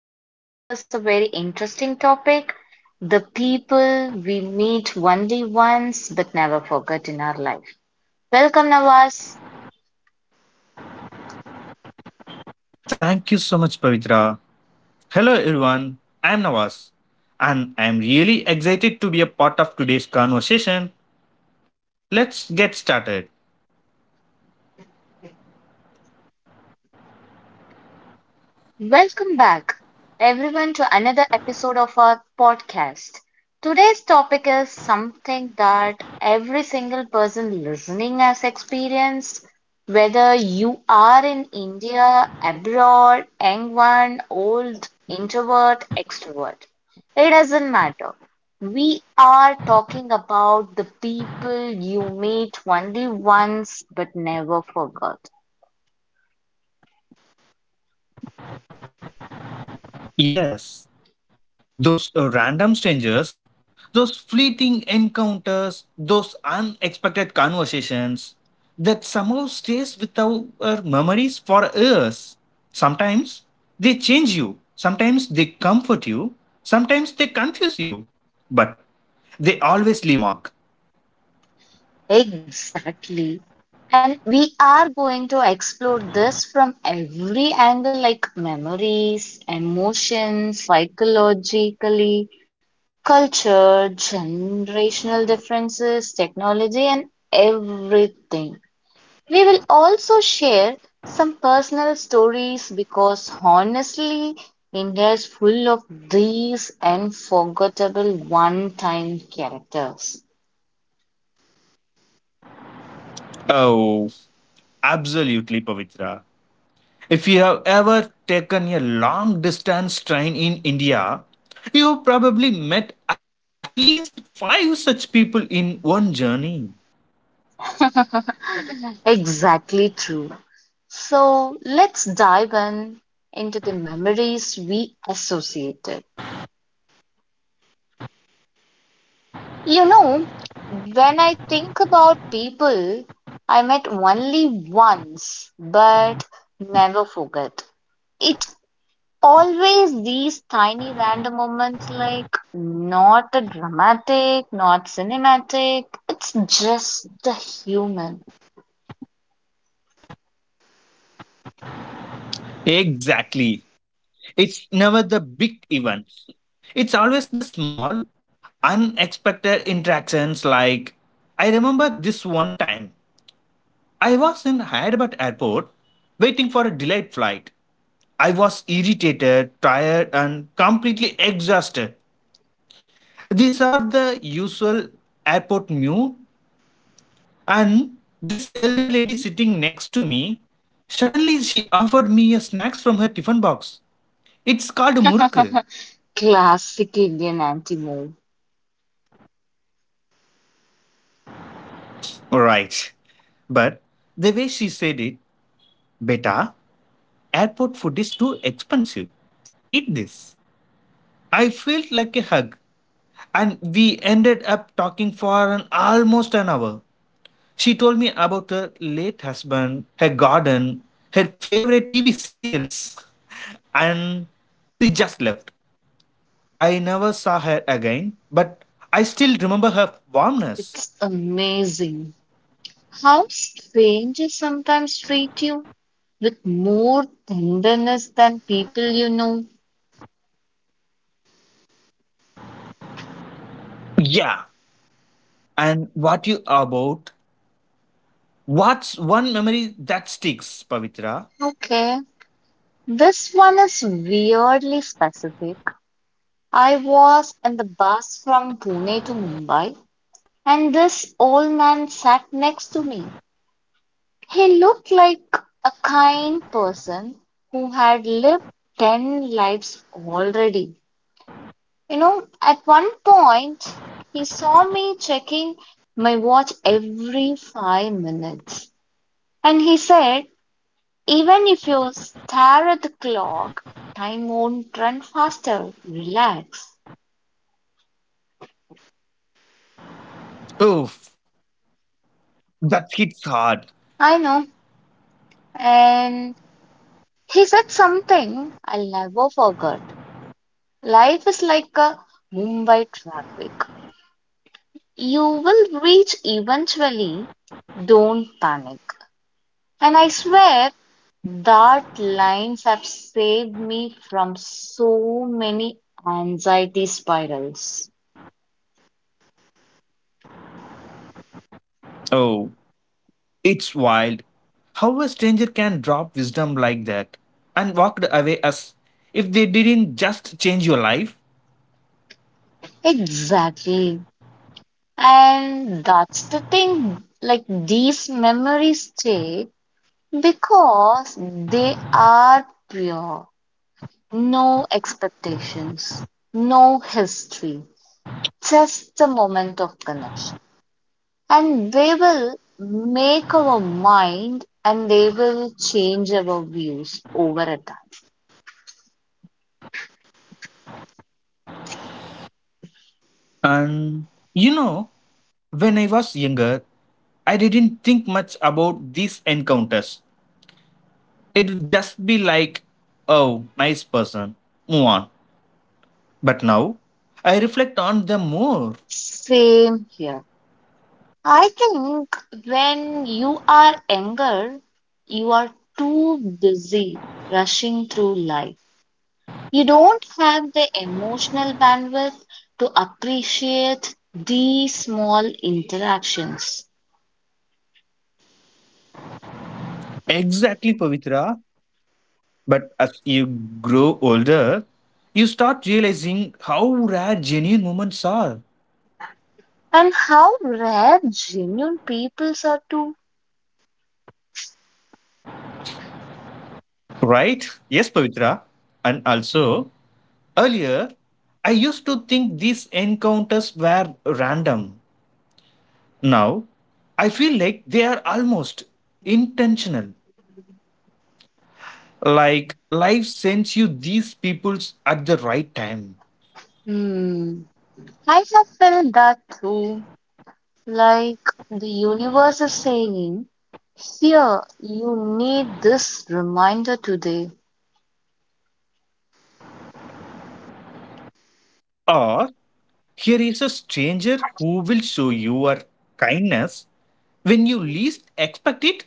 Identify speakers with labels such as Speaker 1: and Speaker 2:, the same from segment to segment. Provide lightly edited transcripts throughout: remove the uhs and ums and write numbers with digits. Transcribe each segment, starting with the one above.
Speaker 1: going to discuss a very interesting topic the people we meet only once but never forget in our life. Welcome, Nawaz.
Speaker 2: Thank you so much, Pavitra. Hello, everyone. I'm Nawaz, and I'm really excited to be a part of today's conversation. Let's get started.
Speaker 1: Welcome back, everyone, to another episode of our podcast. Today's topic is something that every single person listening has experienced, whether you are in India, abroad, young one, old, introvert, extrovert. It doesn't matter. We are talking about the people you meet only once but never forgot.
Speaker 2: Yes, those random strangers, those fleeting encounters, those unexpected conversations that somehow stays with our memories for us. Sometimes they change you, sometimes they comfort you, sometimes they confuse you, but they always leave a mark.
Speaker 1: Exactly. And we are going to explore this from every angle, like memories, emotions, psychologically, culture, generational differences, technology, and everything. We will also share some personal stories because honestly, India is full of these unforgettable one-time characters.
Speaker 2: Oh, absolutely, Pavitra. If you have ever taken a long distance train in India, you have probably met at least five such people in one journey.
Speaker 1: Exactly true. So let's dive in into the memories we associated. You know, when I think about people I met only once but never forget, it's always these tiny random moments like not a dramatic, not cinematic, it's just a human.
Speaker 2: Exactly. It's never the big events, it's always the small, unexpected interactions. Like, I remember this one time I was in Hyderabad airport waiting for a delayed flight. I was irritated, tired, and completely exhausted. These are the usual airport mew, and this elder lady sitting next to me suddenly she offered me a snacks from her tiffin box. It's called muruk.
Speaker 1: Classic Indian anti-move.
Speaker 2: Right. But the way she said it, beta, airport food is too expensive. Eat this. I felt like a hug, and we ended up talking for an, almost an hour. She told me about her late husband, her garden, her favorite TV serials, and she just left. I never saw her again, but I still remember her warmness.
Speaker 1: It's amazing how strangers sometimes treat you with more tenderness than people you know.
Speaker 2: Yeah. And what you about? What's one memory that sticks, Pavitra?
Speaker 1: Okay, this one is weirdly specific. I was in the bus from Pune to Mumbai, and this old man sat next to me. He looked like a kind person who had lived 10 lives already. You know, at one point, he saw me checking my watch every 5 minutes. And he said, even if you stare at the clock, time won't run faster. Relax.
Speaker 2: Oof, that hits hard.
Speaker 1: I know. And he said something I'll never forget. Life is like a Mumbai traffic. You will reach eventually. Don't panic. And I swear that lines have saved me from so many anxiety spirals.
Speaker 2: Oh, it's wild. How a stranger can drop wisdom like that and walked away as if they didn't just change your life,
Speaker 1: Exactly. And that's the thing, like these memories stay because they are pure. No expectations, no history, just the moment of connection. And they will make our mind and they will change our views over a time.
Speaker 2: and you know, when I was younger, I didn't think much about these encounters. It would just be like, oh, nice person, move on. But now, I reflect on them more.
Speaker 1: Same here. I think when you are younger, you are too busy rushing through life. You don't have the emotional bandwidth to appreciate these small interactions.
Speaker 2: Exactly, Pavitra. But as you grow older, you start realizing how rare genuine moments are.
Speaker 1: And how rare genuine peoples are too.
Speaker 2: Right? Yes, Pavitra. And also, earlier, I used to think these encounters were random. Now, I feel like they are almost intentional. Like life sends you these peoples at the right time.
Speaker 1: Hmm. I have felt that too. Like the universe is saying, here, you need this reminder today.
Speaker 2: Or here is a stranger who will show you your kindness when you least expect it.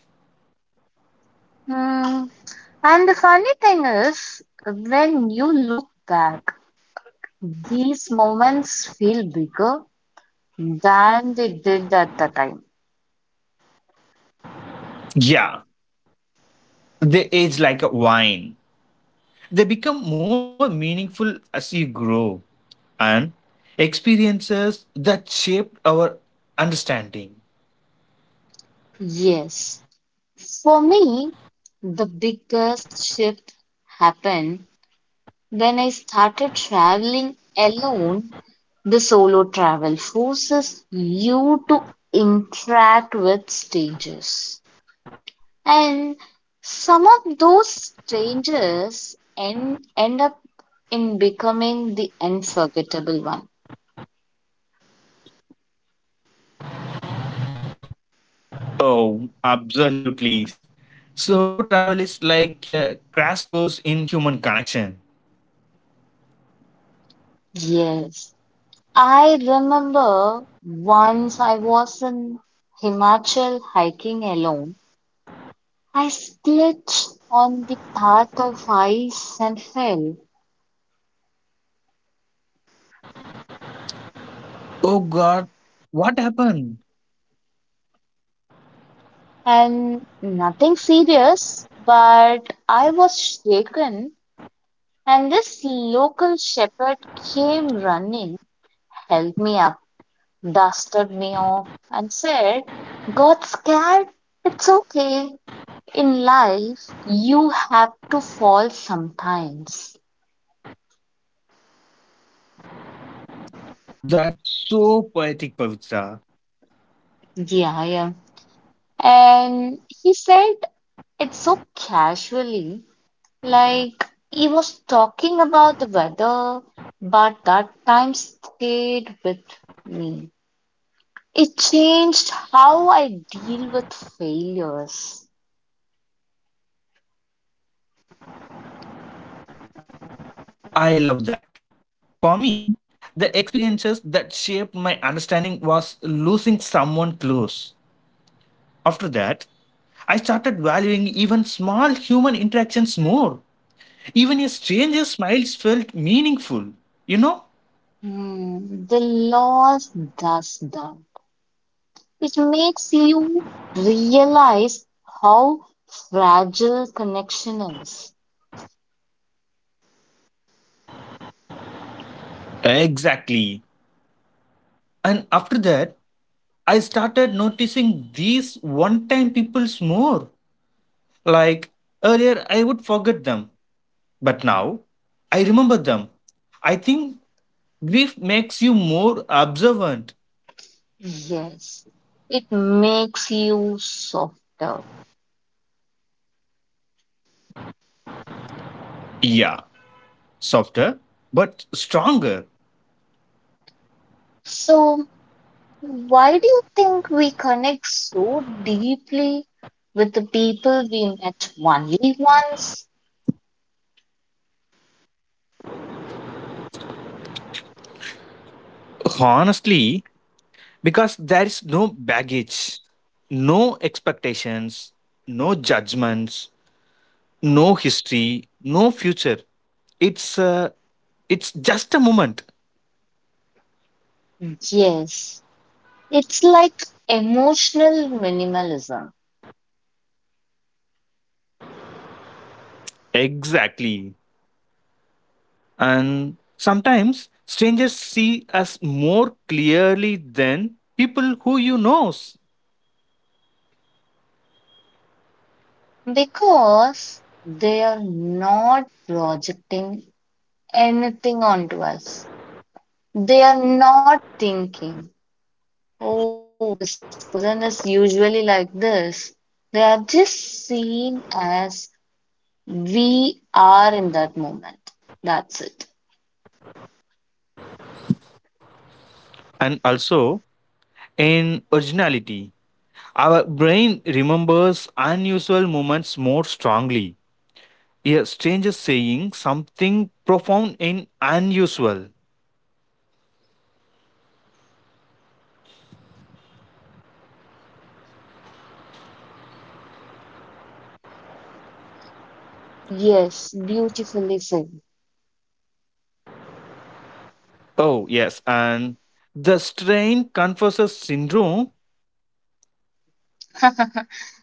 Speaker 1: Hmm. And the funny thing is, when you look back, these moments feel bigger than they did at the time.
Speaker 2: Yeah, they age like a wine. They become more meaningful as you grow and experiences that shaped our understanding.
Speaker 1: Yes. For me, the biggest shift happened then I started traveling alone. The solo travel forces you to interact with strangers. And some of those strangers end up in becoming the unforgettable one.
Speaker 2: Oh, absolutely. Solo travel is like a crash course in human connection.
Speaker 1: Yes. I remember once I was in Himachal hiking alone. I slipped on the path of ice and fell.
Speaker 2: Oh God, what happened?
Speaker 1: And nothing serious, but I was shaken, and this local shepherd came running, helped me up, dusted me off, and said, got scared? It's okay. In life, you have to fall sometimes.
Speaker 2: That's so poetic, Pavitra.
Speaker 1: Yeah, yeah. And he said it so casually, like he was talking about the weather, but that time stayed with me. It changed how I deal with failures.
Speaker 2: I love that. For me, the experiences that shaped my understanding was losing someone close. After that, I started valuing even small human interactions more. Even a stranger's smiles felt meaningful, you know?
Speaker 1: Hmm, the loss does that. It makes you realize how fragile connection is.
Speaker 2: Exactly. And after that, I started noticing these one time peoples more. Like earlier, I would forget them, but now I remember them. I think grief makes you more observant.
Speaker 1: Yes, it makes you softer.
Speaker 2: Yeah, softer, but stronger.
Speaker 1: So why do you think we connect so deeply with the people we met only once?
Speaker 2: Honestly, because there is no baggage, no expectations, no judgments, no history, no future. It's uh, it's just a moment.
Speaker 1: Yes, it's like emotional minimalism
Speaker 2: Exactly. And sometimes strangers see us more clearly than people who you know.
Speaker 1: because they are not projecting anything onto us. They are not thinking, oh, this person is usually like this. They are just seen as we are in that moment. That's it.
Speaker 2: And also in originality, our brain remembers unusual moments more strongly. A stranger saying something profound and unusual.
Speaker 1: Yes, beautifully said.
Speaker 2: Oh, yes. And the strain confesses syndrome.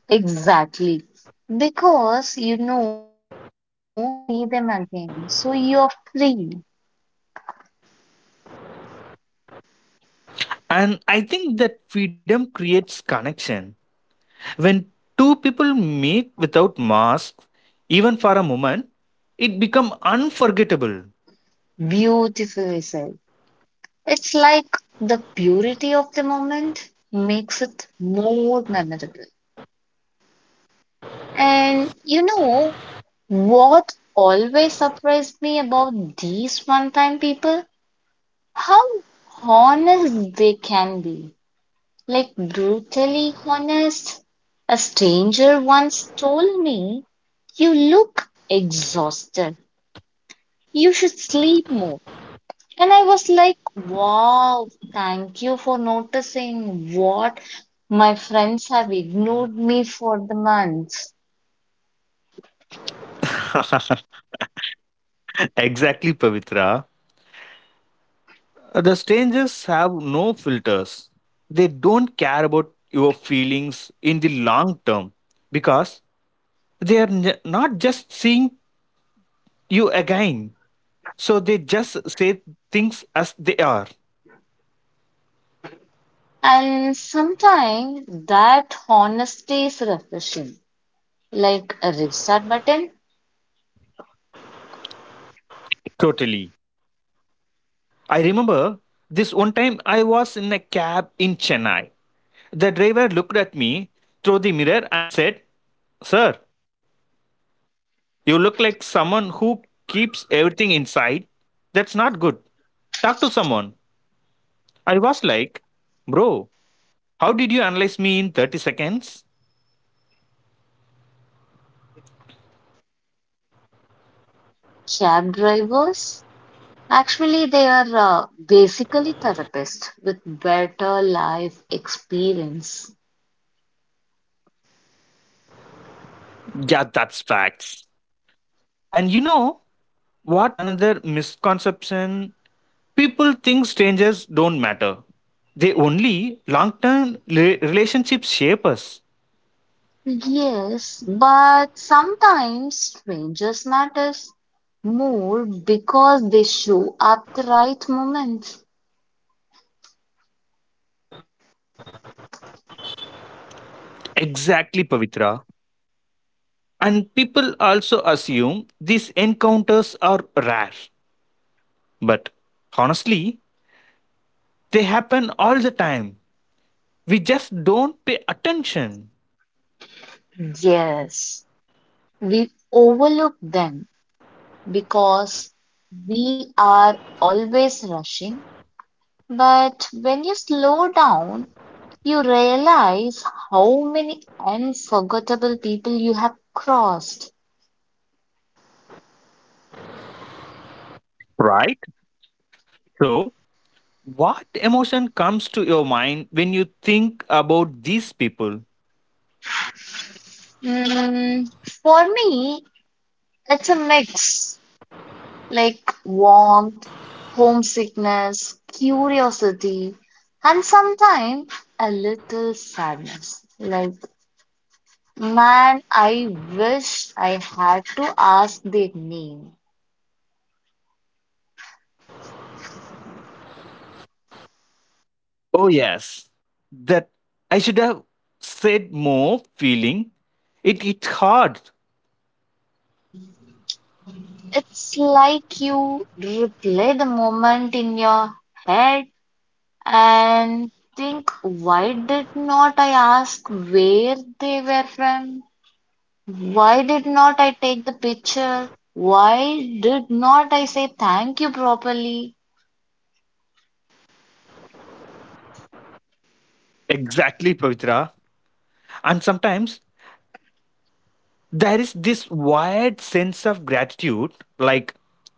Speaker 1: Exactly. Because you know you will never see them again. So you're free.
Speaker 2: And I think that freedom creates connection. When two people meet without masks, even for a moment, it become unforgettable.
Speaker 1: Beautifully said. It's like the purity of the moment makes it more memorable. And you know what always surprised me about these one-time people? How honest they can be. Like brutally honest, a stranger once told me, you look exhausted. You should sleep more. And I was like, wow, thank you for noticing what my friends have ignored me for the months.
Speaker 2: exactly, Pavitra. The strangers have no filters. They don't care about your feelings in the long term because they are not just seeing you again. So they just say things as they are.
Speaker 1: And sometimes that honesty is refreshing, like a restart button.
Speaker 2: Totally. I remember this one time I was in a cab in Chennai. The driver looked at me through the mirror and said, "Sir, you look like someone who keeps everything inside. That's not good. Talk to someone." I was like, "Bro, how did you analyze me in 30 seconds?"
Speaker 1: Cab drivers, actually, they are basically therapists with better life experience.
Speaker 2: Yeah, that's facts. And you know what? Another misconception, people think strangers don't matter. They only long term relationships shape us.
Speaker 1: Yes, but sometimes strangers matters more because they show up the right moment.
Speaker 2: Exactly, Pavitra. And people also assume these encounters are rare. But honestly, they happen all the time. We just don't pay attention.
Speaker 1: Yes, we overlook them because we are always rushing. But when you slow down, you realize how many unforgettable people you have crossed.
Speaker 2: Right? So, what emotion comes to your mind when you think about these people?
Speaker 1: Mm, for me, it's a mix like warmth, homesickness, curiosity, and sometimes a little sadness. Like, man, I wish I had to ask their name.
Speaker 2: Oh, yes. That I should have said more feeling. It's hard.
Speaker 1: It's like you replay the moment in your head and think why did not I ask where they were from? Why did not I take the picture? Why did not I say thank you properly?
Speaker 2: Exactly, Pavitra. And sometimes there is this wired sense of gratitude, like,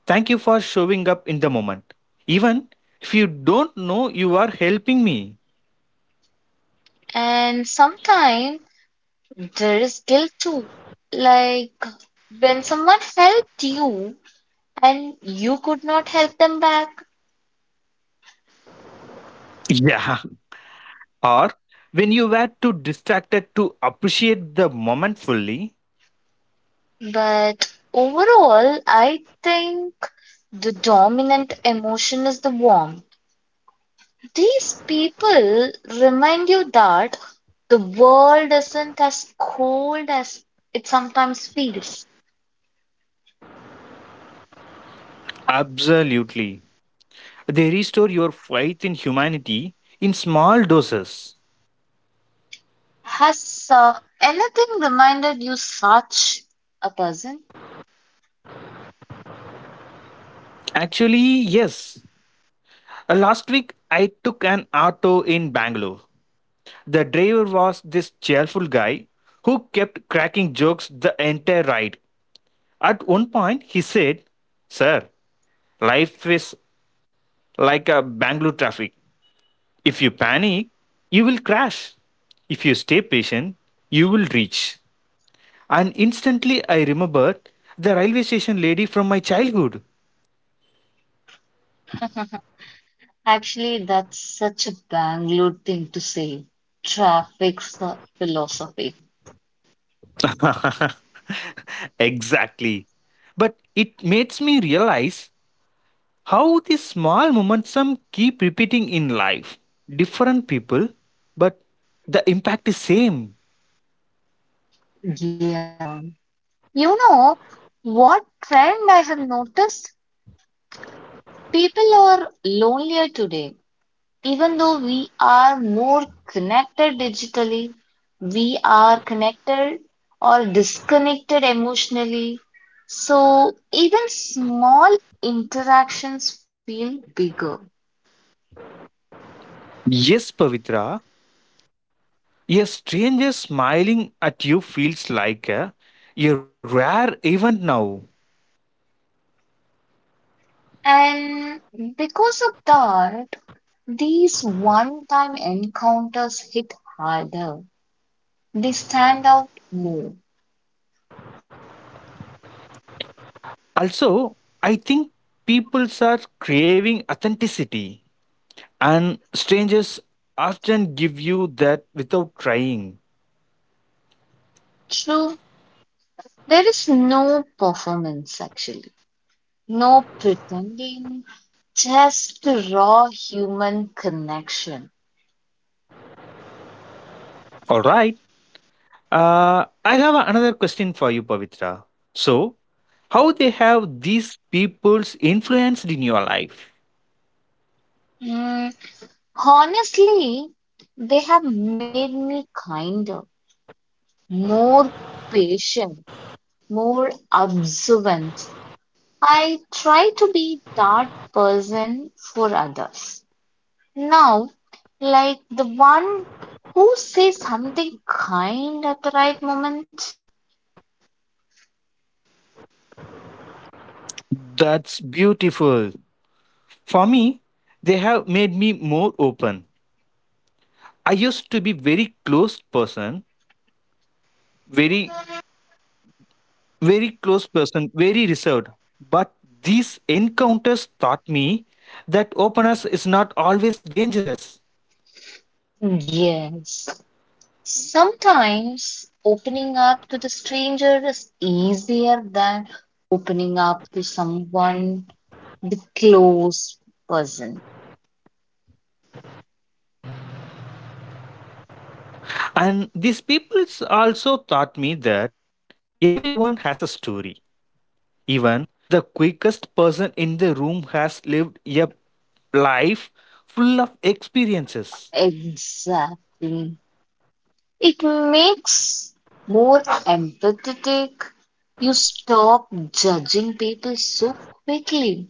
Speaker 2: thank you for showing up in the moment. Even if you don't know you are helping me.
Speaker 1: And sometimes there is guilt too. Like when someone helped you and you could not help them back.
Speaker 2: Yeah. Or when you were too distracted to appreciate the moment fully.
Speaker 1: But overall, I think the dominant emotion is the warmth. These people remind you that the world isn't as cold as it sometimes feels.
Speaker 2: Absolutely. They restore your faith in humanity in small doses.
Speaker 1: Has anything reminded you such a person?
Speaker 2: Actually, yes. Last week, I took an auto in Bangalore. The driver was this cheerful guy who kept cracking jokes the entire ride. At one point, he said, "Sir, life is like a Bangalore traffic. If you panic, you will crash. If you stay patient, you will reach." And instantly I remembered the railway station lady from my childhood.
Speaker 1: Actually, that's such a Bangalore thing to say. Traffic philosophy.
Speaker 2: exactly. But it makes me realize how these small momentum keep repeating in life. Different people, but the impact is same.
Speaker 1: Yeah. You know, what trend I have noticed? People are lonelier today. Even though we are more connected digitally, we are connected or disconnected emotionally. So even small interactions feel bigger.
Speaker 2: Yes, Pavitra, a stranger smiling at you feels like a rare event now.
Speaker 1: And because of that, these one time encounters hit harder. They stand out more.
Speaker 2: Also, I think people are craving authenticity, and strangers often give you that without trying.
Speaker 1: True, there is no performance actually. No pretending, just raw human connection.
Speaker 2: All right. I have another question for you, Pavitra. So, how they have these people's influenced in your life?
Speaker 1: Mm, honestly, they have made me kinder, more patient, more observant. I try to be that person for others. Now, like the one who says something kind at the right moment.
Speaker 2: That's beautiful. For me, they have made me more open. I used to be very close person, very very close person, very reserved. But these encounters taught me that openness is not always dangerous.
Speaker 1: Yes, sometimes opening up to the stranger is easier than opening up to someone, the close person.
Speaker 2: And these people also taught me that everyone has a story. Even the quickest person in the room has lived a life full of experiences.
Speaker 1: Exactly. It makes more empathetic. You stop judging people so quickly.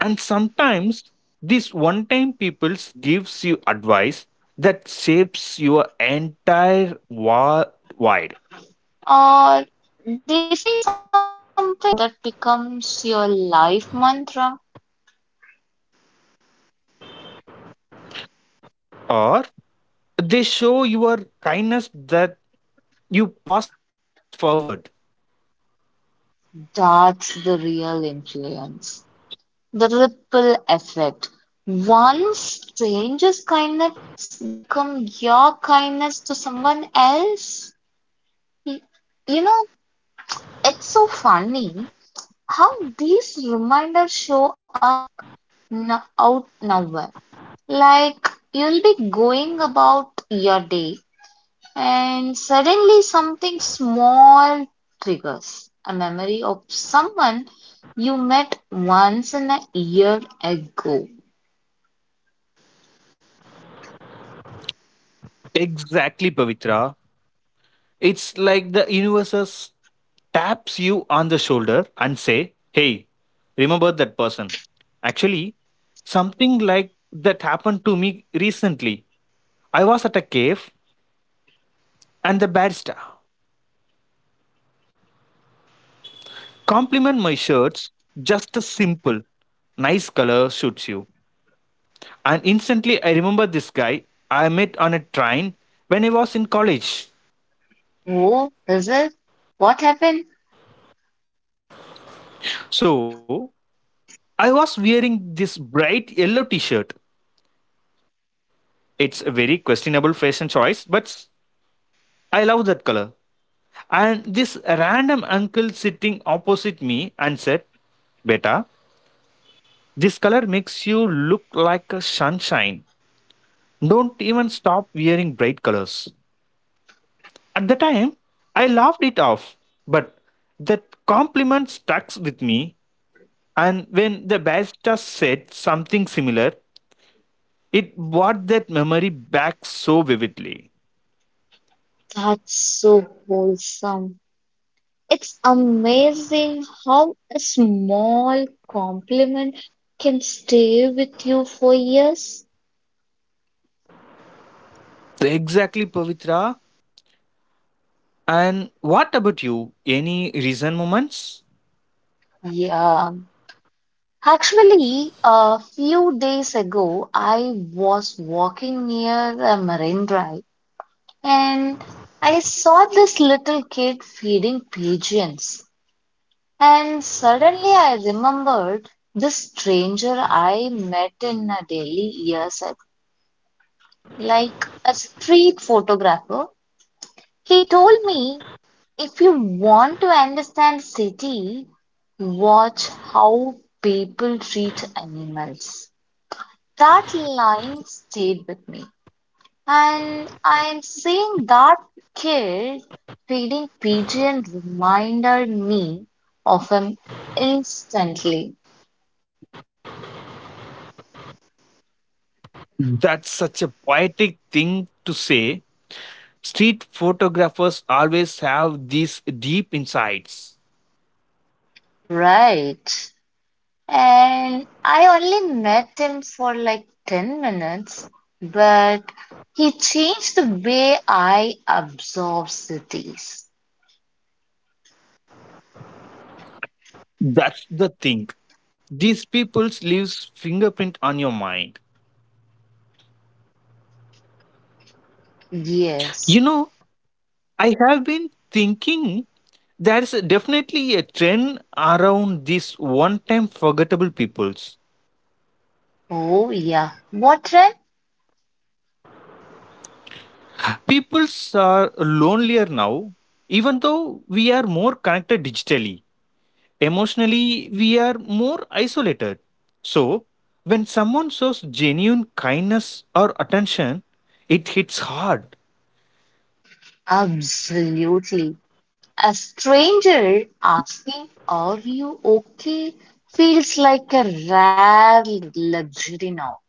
Speaker 2: And sometimes these one time people gives you advice that shapes your entire worldwide
Speaker 1: Or they say something that becomes your life mantra.
Speaker 2: or they show your kindness that you pass forward.
Speaker 1: That's the real influence. The ripple effect. One strangers' kindness become your kindness to someone else. Y- You know, it's so funny how these reminders show up out nowhere. Like you'll be going about your day and suddenly something small triggers a memory of someone you met once in a year ago.
Speaker 2: Exactly, Pavitra. It's like the universe taps you on the shoulder and say, "Hey, remember that person." Actually, something like that happened to me recently. I was at a cave and the barista compliment my shirts, just a simple, "Nice color suits you." And instantly I remember this guy I met on a train when I was in college.
Speaker 1: Oh, is it? What happened?
Speaker 2: So I was wearing this bright yellow t shirt. It's a very questionable fashion choice, but I love that color. And this random uncle sitting opposite me and said, "Beta, this color makes you look like a sunshine. Don't even stop wearing bright colors." At the time, I laughed it off, but that compliment stuck with me. And when the barrister said something similar, it brought that memory back so vividly.
Speaker 1: That's so wholesome. It's amazing how a small compliment can stay with you for years.
Speaker 2: Exactly, Pavitra. And what about you? Any recent moments?
Speaker 1: Yeah. Actually, a few days ago, I was walking near a marine drive and I saw this little kid feeding pigeons. And suddenly I remembered this stranger I met in a Delhi years ago, like a street photographer. He told me if you want to understand city, watch how people treat animals. That line stayed with me. And I am seeing that kid feeding pigeon reminded me of him instantly.
Speaker 2: That's such a poetic thing to say. Street photographers always have these deep insights.
Speaker 1: Right. And I only met him for like 10 minutes, but he changed the way I absorb cities.
Speaker 2: That's the thing. These people's leaves fingerprint on your mind.
Speaker 1: Yes.
Speaker 2: You know, I have been thinking there's definitely a trend around these one time forgettable peoples.
Speaker 1: Oh, yeah. What trend?
Speaker 2: Peoples are lonelier now, even though we are more connected digitally. Emotionally, we are more isolated. So, when someone shows genuine kindness or attention, it hits hard.
Speaker 1: Absolutely. A stranger asking, are you okay? feels like a rare luxury now.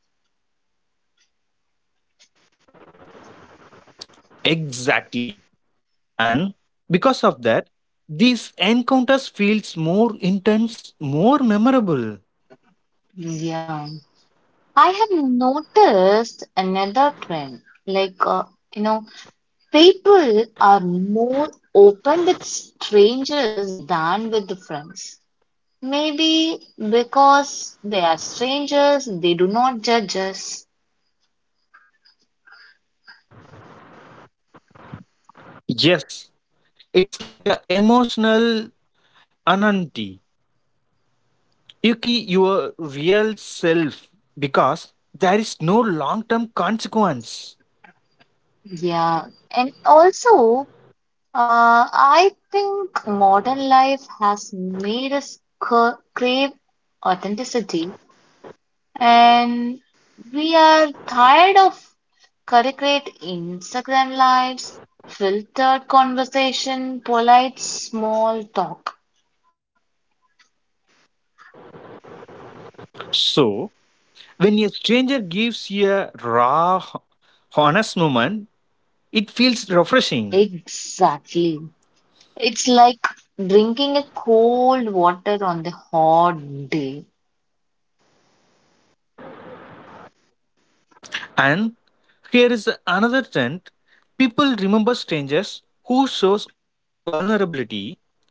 Speaker 2: Exactly. And because of that, these encounters feels more intense, more memorable.
Speaker 1: Yeah. I have noticed another trend, like, you know, people are more open with strangers than with the friends. Maybe because they are strangers, they do not judge us.
Speaker 2: Yes, it's like a emotional anonymity. You can be your real self because there is no long term consequence.
Speaker 1: Yeah, and also, uh, I think modern life has made us crave authenticity. And we are tired of curate Instagram lives, filtered conversation, polite small talk.
Speaker 2: So, when a stranger gives you a raw, honest moment, it feels refreshing.
Speaker 1: Exactly. It's like drinking a cold water on the hot day.
Speaker 2: And here is another trend, people remember strangers who shows vulnerability.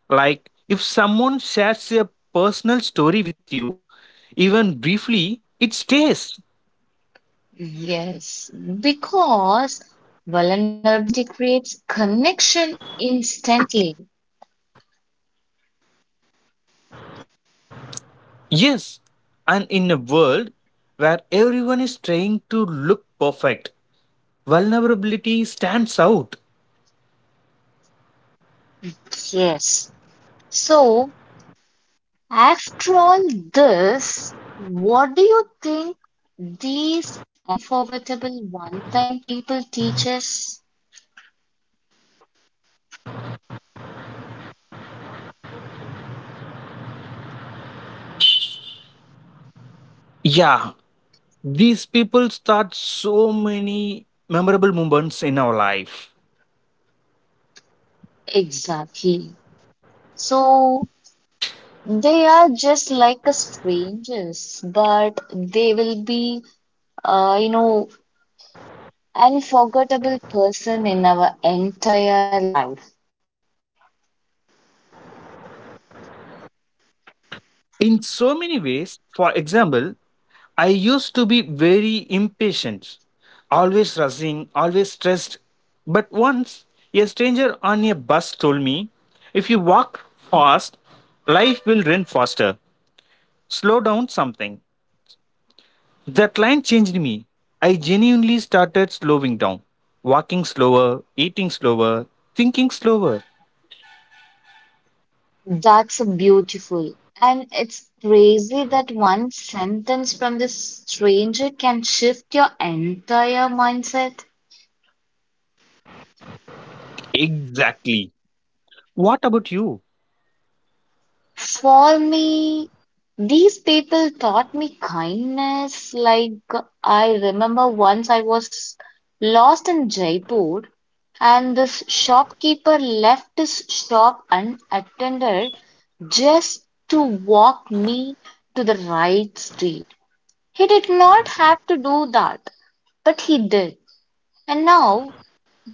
Speaker 2: Like if someone shares a personal story with you, even briefly, it stays.
Speaker 1: Yes, because vulnerability creates connection instantly.
Speaker 2: Yes, and in a world where everyone is trying to look perfect, vulnerability stands out.
Speaker 1: Yes. So, after all this, what do you think these unforgettable one-time people teach us?
Speaker 2: Yeah, these people start so many memorable moments in our life.
Speaker 1: Exactly. So they are just like a strangers, but they will be, uh, you know, unforgettable person in our entire life.
Speaker 2: In so many ways, for example, I used to be very impatient, always rushing, always stressed. But once a stranger on a bus told me, "If you walk fast, life will run faster. Slow down something." That line changed me. I genuinely started slowing down, walking slower, eating slower, thinking slower.
Speaker 1: That's beautiful. And it's crazy that one sentence from this stranger can shift your entire mindset.
Speaker 2: Exactly. What about you?
Speaker 1: For me, these people taught me kindness. Like, I remember once I was lost in Jaipur, and this shopkeeper left his shop unattended just to walk me to the right street. He did not have to do that, but he did. And now,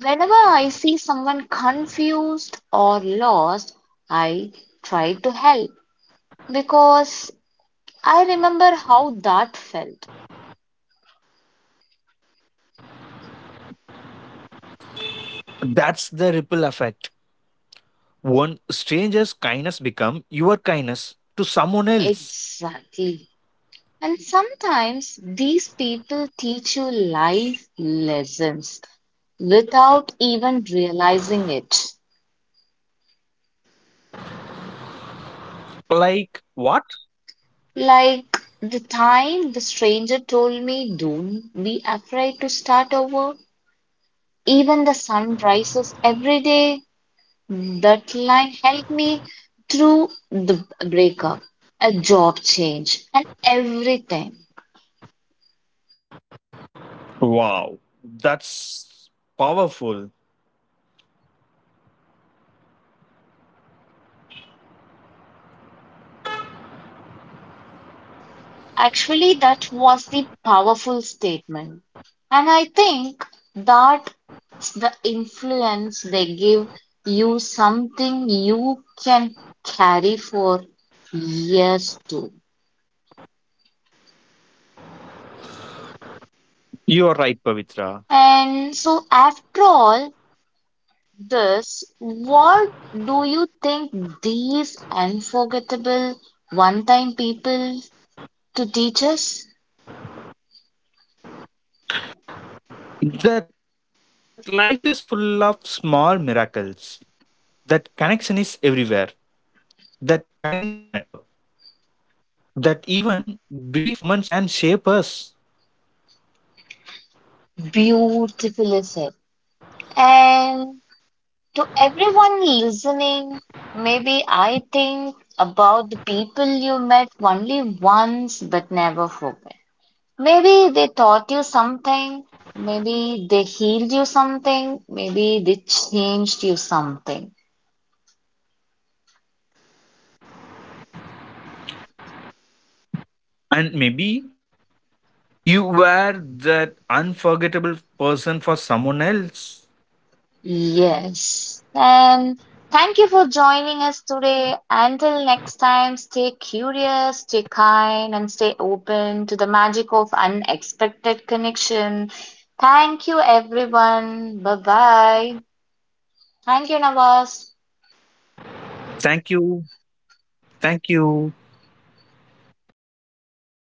Speaker 1: whenever I see someone confused or lost, I try to help because I remember how that felt.
Speaker 2: That's the ripple effect. One stranger's kindness become your kindness to someone else.
Speaker 1: Exactly. And sometimes these people teach you life lessons without even realizing it.
Speaker 2: Like what?
Speaker 1: Like the time the stranger told me, don't be afraid to start over. Even the sun rises every day. That line helped me through the breakup, a job change, and everything.
Speaker 2: Wow, that's powerful.
Speaker 1: Yeah, actually, that was the powerful statement. And I think that's the influence they give you something you can carry for years too.
Speaker 2: You are right, Pavitra.
Speaker 1: And so, after all this, what do you think these unforgettable one time people to teach us?
Speaker 2: That life is full of small miracles. That connection is everywhere. That kindness matter. That even brief moments can shape us.
Speaker 1: Beautifully said. And to everyone listening, maybe I think about the people you met only once but never forget. Maybe they taught you something, maybe they healed you something, maybe they changed you something.
Speaker 2: And maybe you were that unforgettable person for someone else.
Speaker 1: Yes. And thank you for joining us today. Until next time, stay curious, stay kind, and stay open to the magic of unexpected connection. Thank you, everyone. Bye bye. Thank you, Nawaz.
Speaker 2: Thank you. Thank you.